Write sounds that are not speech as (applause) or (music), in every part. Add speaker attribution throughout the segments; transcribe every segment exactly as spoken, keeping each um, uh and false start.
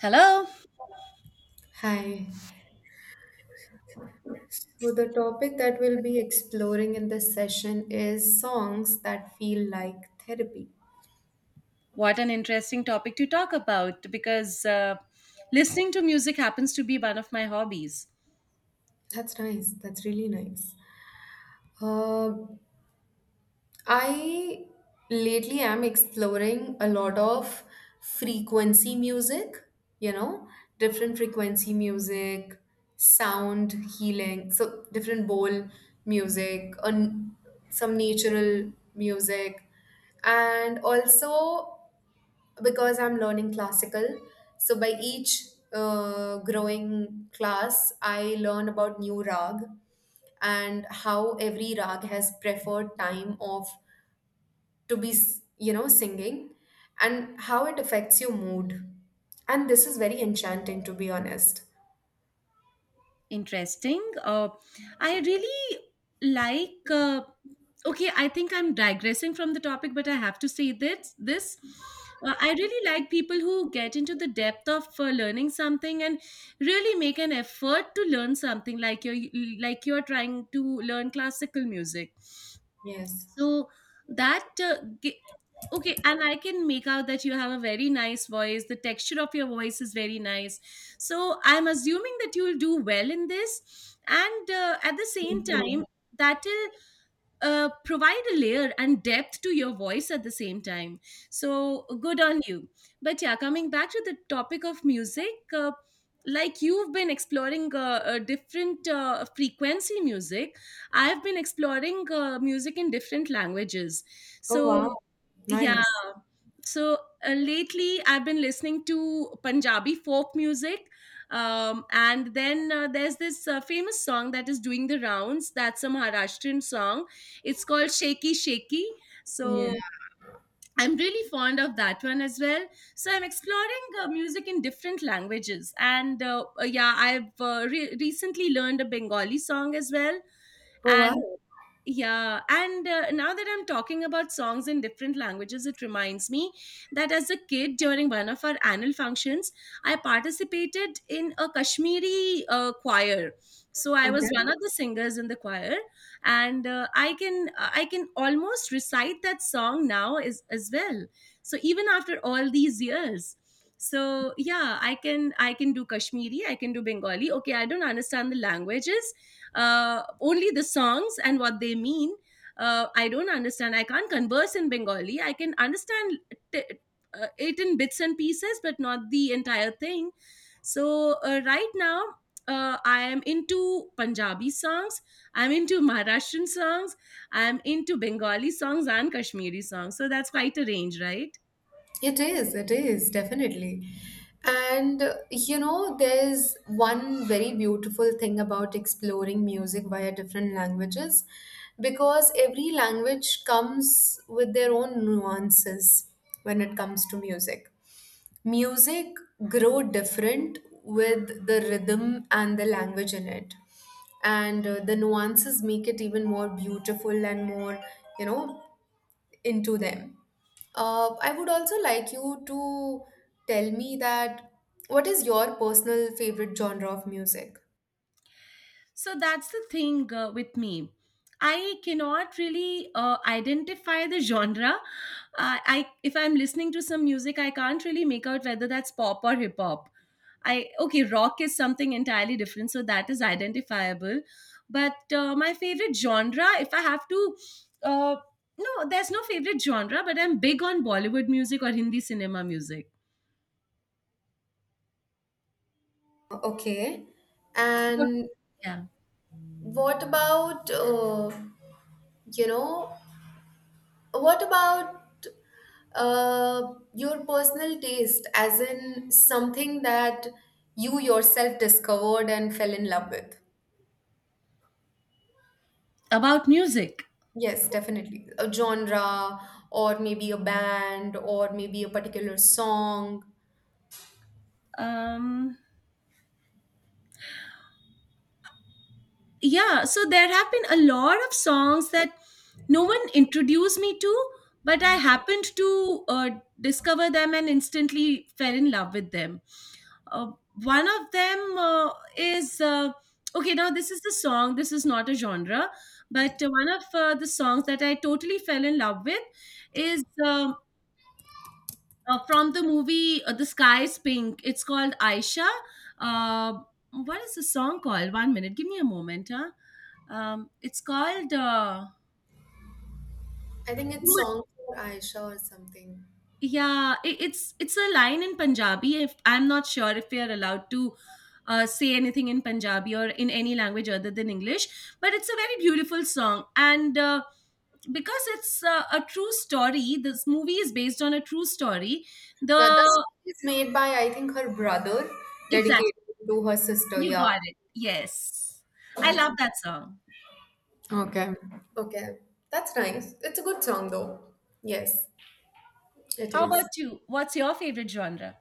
Speaker 1: Hello.
Speaker 2: Hi. So, the topic that we'll be exploring in this session is songs that feel like therapy.
Speaker 1: What an interesting topic to talk about because uh, listening to music happens to be one of my hobbies.
Speaker 2: That's nice. That's really nice. Uh, I lately am exploring a lot of frequency music, you know, different frequency music, sound healing, so different bowl music, un- some natural music, and also because I'm learning classical. So by each uh, growing class, I learn about new rag and how every rag has preferred time of to be s- you know singing and how it affects your mood. And this is very enchanting, to be honest.
Speaker 1: Interesting. Uh, I really like. Uh, okay, I think I'm digressing from the topic, but I have to say this. This. Uh, I really like people who get into the depth of uh, learning something and really make an effort to learn something like you're like you're trying to learn classical music.
Speaker 2: Yes.
Speaker 1: So that uh, gi- okay, and I can make out that you have a very nice voice. The texture of your voice is very nice. So I'm assuming that you'll do well in this, and uh, at the same
Speaker 2: Thank
Speaker 1: time,
Speaker 2: you.
Speaker 1: that uh, provide a layer and depth to your voice at the same time. So good on you. But yeah, coming back to the topic of music, uh, like you've been exploring uh, uh, different uh, frequency music, I've been exploring uh, music in different languages.
Speaker 2: Oh, wow.
Speaker 1: So yeah,
Speaker 2: Nice.
Speaker 1: so uh, lately I've been listening to Punjabi folk music. Um, and then uh, there's this uh, famous song that is doing the rounds. That's a Maharashtrian song. It's called Shaky Shaky.
Speaker 2: Yeah.
Speaker 1: So I'm really fond of that one as well. So I'm exploring uh, music in different languages. And uh, uh, yeah, I've uh, re- recently learned a Bengali song as well.
Speaker 2: Oh,
Speaker 1: And
Speaker 2: wow.
Speaker 1: yeah, and uh, now that I'm talking about songs in different languages, it reminds me that as a kid during one of our annual functions, I participated in a Kashmiri uh, choir. So I was one
Speaker 2: Okay.
Speaker 1: of the singers in the choir, and uh, I can I can almost recite that song now as as well. So even after all these years, so yeah, I can I can do Kashmiri, I can do Bengali. Okay, I don't understand the languages, uh, only the songs and what they mean. Uh, I don't understand. I can't converse in Bengali. I can understand t- uh, it in bits and pieces, but not the entire thing. So uh, right now, uh, I am into Punjabi songs. I'm into Maharashtrian songs. I'm into Bengali songs and Kashmiri songs. So that's quite a range, right?
Speaker 2: It is, it is, definitely. And uh, You know, there's one very beautiful thing about exploring music via different languages, because every language comes with their own nuances when it comes to music. Music grow different with the rhythm and the language in it. And uh, the nuances make it even more beautiful and more, you know, into them. Uh, I would also like you to tell me that what is your personal favorite genre of music?
Speaker 1: So that's the thing, uh, with me. I cannot really uh, identify the genre. Uh, I if I'm listening to some music, I can't really make out whether that's pop or hip hop. I okay, rock is something entirely different, so that is identifiable. But uh, my favorite genre, if I have to, uh, no, there's no favorite genre, but I'm big on Bollywood music or Hindi cinema music.
Speaker 2: Okay.
Speaker 1: But,
Speaker 2: And
Speaker 1: yeah,
Speaker 2: what about, uh, you know, what about uh, your personal taste, as in something that you yourself discovered and fell in love with?
Speaker 1: about music.
Speaker 2: Yes, definitely. A genre, or maybe a band, or maybe a particular song.
Speaker 1: Um, yeah, so there have been a lot of songs that no one introduced me to, but I happened to uh, discover them and instantly fell in love with them. uh, One of them uh, is uh, okay, now this is the song, this is not a genre, but uh, one of uh, the songs that I totally fell in love with is um uh, from the movie, uh, "The Sky Is Pink." It's called Aisha. uh, what is the song called? One minute, give me a moment. Huh. Um, it's called, uh,
Speaker 2: I think it's song for Aisha or something.
Speaker 1: yeah. It, it's it's a line in Punjabi. If I'm not sure if we are allowed to uh, say anything in Punjabi or in any language other than English, but it's a very beautiful song. And Uh, because it's uh, a true story, this movie is based on a true story.
Speaker 2: Yeah, the
Speaker 1: The
Speaker 2: song is made by, I think, her brother,
Speaker 1: Exactly,
Speaker 2: dedicated to her sister.
Speaker 1: you
Speaker 2: Yeah.
Speaker 1: got it. Yes, I love that song.
Speaker 2: Okay. Okay, that's nice. It's a good song though. Yes, it
Speaker 1: How
Speaker 2: is.
Speaker 1: about you? What's your favorite genre?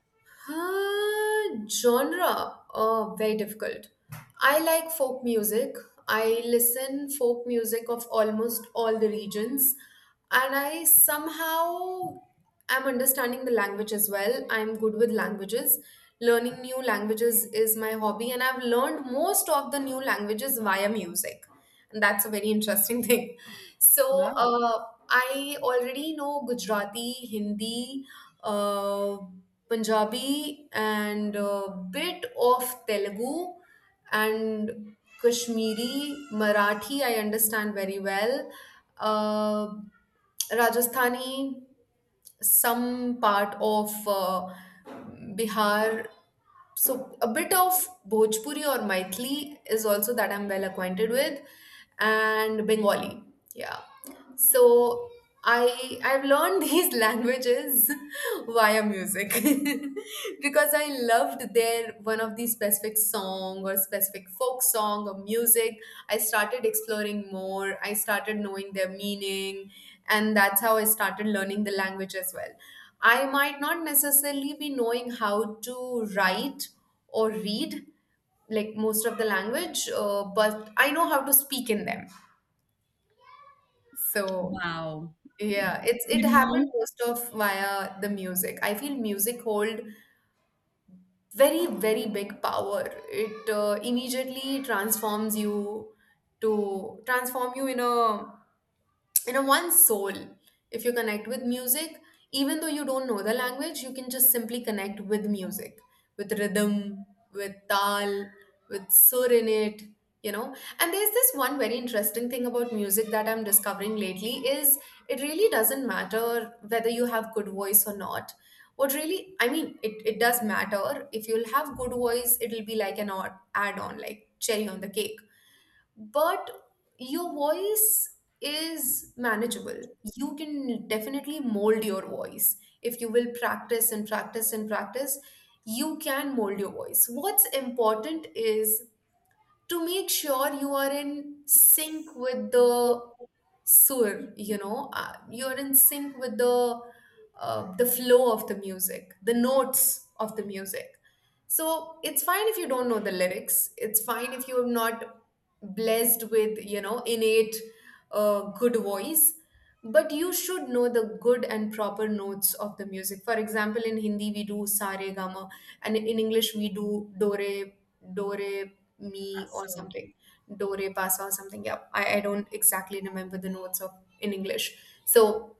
Speaker 2: Uh, genre? Oh, very difficult. I like folk music. I listen folk music of almost all the regions, and I somehow am understanding the language as well. I'm good with languages. Learning new languages is my hobby, and I've learned most of the new languages via music, and that's a very interesting (laughs) thing. So uh, I already know Gujarati, Hindi, uh, Punjabi, and a bit of Telugu and Kashmiri, Marathi. I understand very well. Uh, Rajasthani, some part of uh, Bihar. So a bit of Bhojpuri or Maithili is also that I'm well acquainted with, and Bengali. Yeah. So I I've learned these (laughs) languages via music (laughs) because I loved their one of these specific song or specific folk song or music. I started exploring more. I started knowing their meaning, and that's how I started learning the language as well. I might not necessarily be knowing how to write or read like most of the language, uh, but I know how to speak in them. So
Speaker 1: Wow. You
Speaker 2: yeah, it's it happened
Speaker 1: know,
Speaker 2: most of via the music. I feel music hold very, very big power. It uh, immediately transforms you to transform you in a, you know, one soul, if you connect with music, even though you don't know the language. You can just simply connect with music, with rhythm, with tal, with sur in it, you know. And there's this one very interesting thing about music that I'm discovering lately is it really doesn't matter whether you have good voice or not. What really, I mean, it, it does matter, if you'll have good voice it'll be like an odd add-on, like cherry on the cake. But your voice is manageable. You can definitely mold your voice. If you will practice and practice and practice, you can mold your voice. What's important is to make sure you are in sync with the sur, you know, uh, you're in sync with the uh, the flow of the music, the notes of the music. So it's fine if you don't know the lyrics, it's fine if you're not blessed with, you know, innate uh, good voice, but you should know the good and proper notes of the music. For example, in Hindi we do sa re ga ma, and in English we do do re, do re me or
Speaker 1: So,
Speaker 2: something, Dore Pasa or something. Yeah, I, I don't exactly remember the notes of in English. So,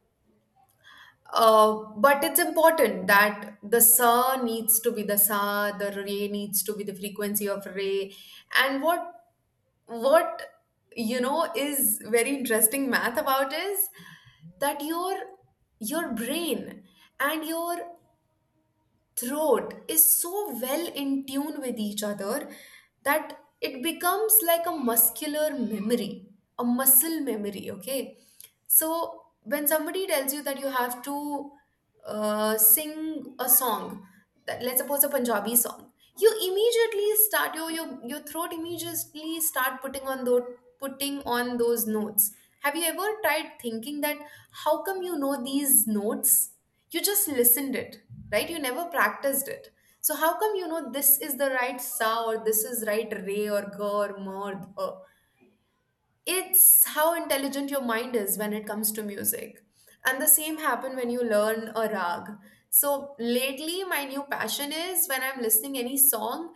Speaker 2: uh, but it's important that the sa needs to be the sa, the re needs to be the frequency of re. And what what you know is very interesting math about is that your your brain and your throat is so well in tune with each other that it becomes like a muscular memory, a muscle memory, okay? So when somebody tells you that you have to uh, sing a song that- let's suppose a Punjabi song, you immediately start your your your throat immediately start putting on those putting on those notes. Have you ever tried thinking that how come you know these notes? You just listened it, right? You never practiced it. So how come you know this is the right sa, or this is right re or ga or ma or dha? It's how intelligent your mind is when it comes to music. And the same happen when you learn a rag. So lately my new passion is, when I'm listening any song,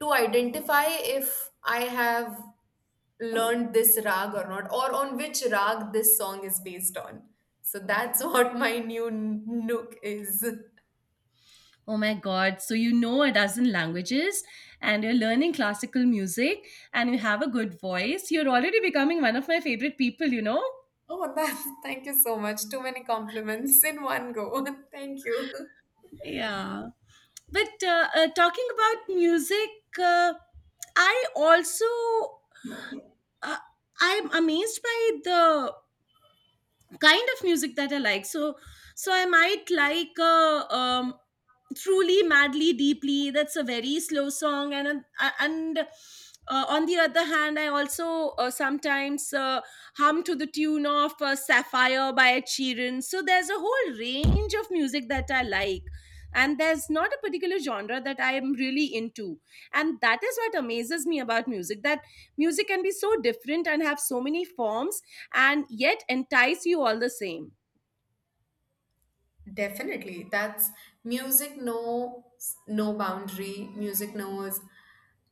Speaker 2: to identify if I have learned this rag or not, or on which rag this song is based on. So that's (laughs) what my new nook is.
Speaker 1: oh my God. So you know a dozen languages and you're learning classical music and you have a good voice. You're already becoming one of my favorite people, you know?
Speaker 2: (laughs) Oh, that, thank you so much, too many compliments in one go. (laughs) Thank you.
Speaker 1: Yeah, but uh, uh, talking about music, uh, I also, uh, I'm amazed by the kind of music that I like. So, so I might like uh, um, "Truly, Madly, Deeply." That's a very slow song, and uh, and uh, on the other hand, I also uh, sometimes uh, hum to the tune of uh, "Sapphire" by Ed Sheeran. So there's a whole range of music that I like. And there's not a particular genre that I am really into. And that is what amazes me about music, that music can be so different and have so many forms, and yet entice you all the same.
Speaker 2: Definitely. That's, music knows no boundary, music knows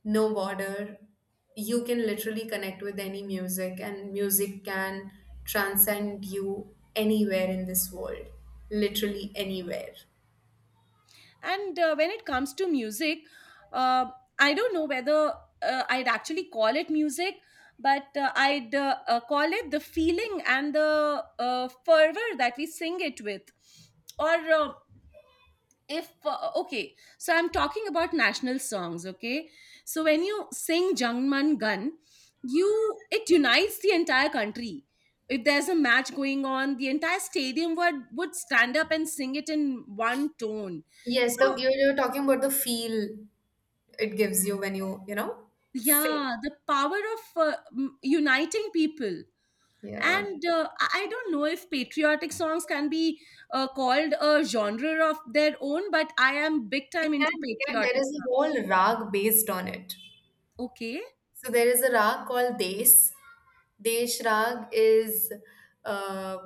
Speaker 2: no border. You can literally connect with any music, and music can transcend you anywhere in this world, literally anywhere.
Speaker 1: And uh, when it comes to music, uh, I don't know whether uh, I'd actually call it music, but uh, I'd uh, uh, call it the feeling and the uh, fervor that we sing it with. Or uh, if uh, okay, so I'm talking about national songs. Okay, so when you sing Jangman Gun, you it unites the entire country. If there's a match going on, the entire stadium would would stand up and sing it in one tone.
Speaker 2: Yes, the
Speaker 1: So
Speaker 2: you you're talking about the feel it gives you when you, you know, sing.
Speaker 1: yeah, the power of uh, m- uniting people.
Speaker 2: Yeah.
Speaker 1: And uh, i I don't know if patriotic songs can be uh, called a genre of their own, but I am big
Speaker 2: They
Speaker 1: time
Speaker 2: can,
Speaker 1: into
Speaker 2: they can. There
Speaker 1: patriotic
Speaker 2: is a
Speaker 1: songs.
Speaker 2: whole rag based on it.
Speaker 1: Okay.
Speaker 2: So there is a rag called Desh. Desh rag is, uh,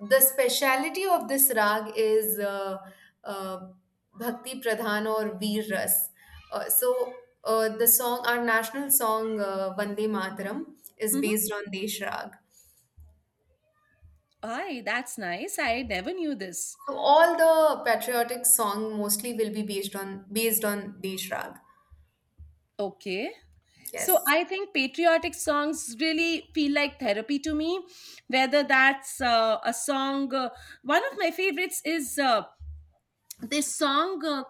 Speaker 2: the speciality of this rag is, uh, uh, Bhakti Pradhan or Veer Ras. Uh, so uh, the song, our national song, uh, Vande Mataram, is
Speaker 1: Mm-hmm.
Speaker 2: based on Desh rag.
Speaker 1: Aye, that's nice. I never knew this.
Speaker 2: So all the patriotic song mostly will be based on based on Desh rag.
Speaker 1: Okay. So
Speaker 2: Yes. (laughs)
Speaker 1: I think patriotic songs really feel like therapy to me. Whether that's uh, a song, uh, one of my favorites is uh, this song uh,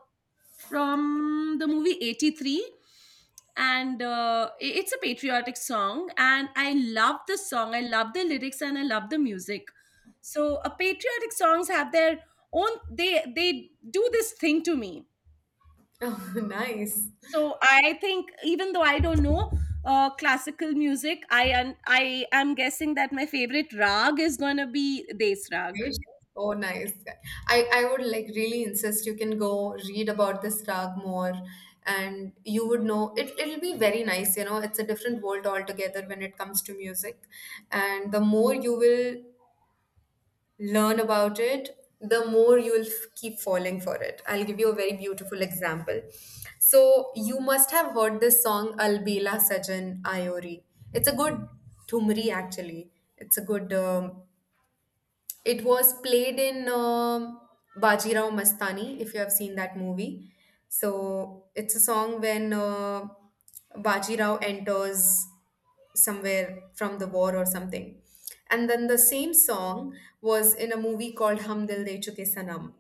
Speaker 1: from the movie eighty-three. And uh, i- it's a patriotic song. And I love the song. I love the lyrics and I love the music. So uh, patriotic songs have their own, they, they do this thing to me.
Speaker 2: Oh, nice.
Speaker 1: So I think even though I don't know uh, classical music, i am i am guessing that my favorite rag is going to be Des Rag.
Speaker 2: Right? Oh, nice. I, I would like really insist, you can go read about this rag more and you would know it, it'll be very nice. You know, it's a different world altogether when it comes to music. And the more you will learn about it, the more you will f- keep falling for it. I'll give you a very beautiful example. So, you must have heard this song Albela Sajan Ayori. It's a good Thumri actually. It's a good um, it was played in um Bajirao Mastani, if you have seen that movie. So it's a song when uh, Bajirao enters somewhere from the war or something. And then the same song was in a movie called Hum Dil De Chuke Sanam,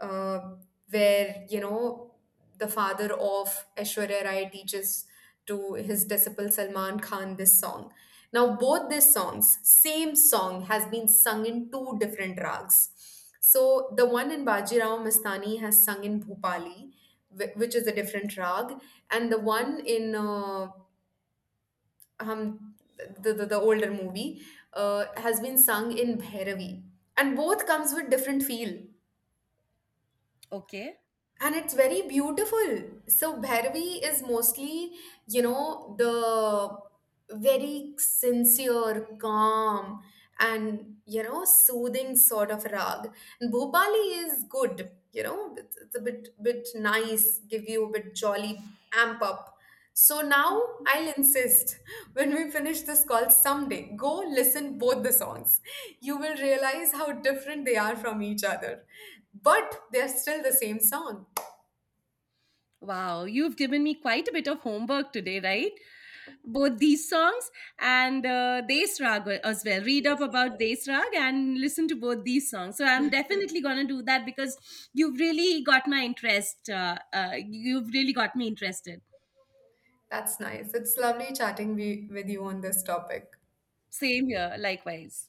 Speaker 2: uh, where you know the father of Aishwarya Rai teaches to his disciple Salman Khan this song. Now both these songs, same song, has been sung in two different rags. So the one in Bajirao Mastani has sung in Bhupali, wh- which is a different rag, and the one in uh, um, the, the the older movie uh, has been sung in Bhairavi, and both comes with different feel.
Speaker 1: Okay.
Speaker 2: And it's very beautiful. So Bhairavi is mostly, you know, the very sincere, calm, and you know, soothing sort of rag. And Bhopali is good, you know, it's, it's a bit bit nice, give you a bit jolly, amp up. So now I'll insist (laughs) when we finish this call someday, go listen both the songs. You will realize how different they are from each other, but they're still the same song.
Speaker 1: Wow, you've given me quite a bit of homework today, right? Both these songs and uh, Desh Rag as well. Read up about Desh Rag and listen to both these songs. So I'm definitely going to do that because you've really got my interest. Uh, uh, you've really got me interested.
Speaker 2: That's nice. It's lovely chatting we, with you on this topic.
Speaker 1: Same here, likewise.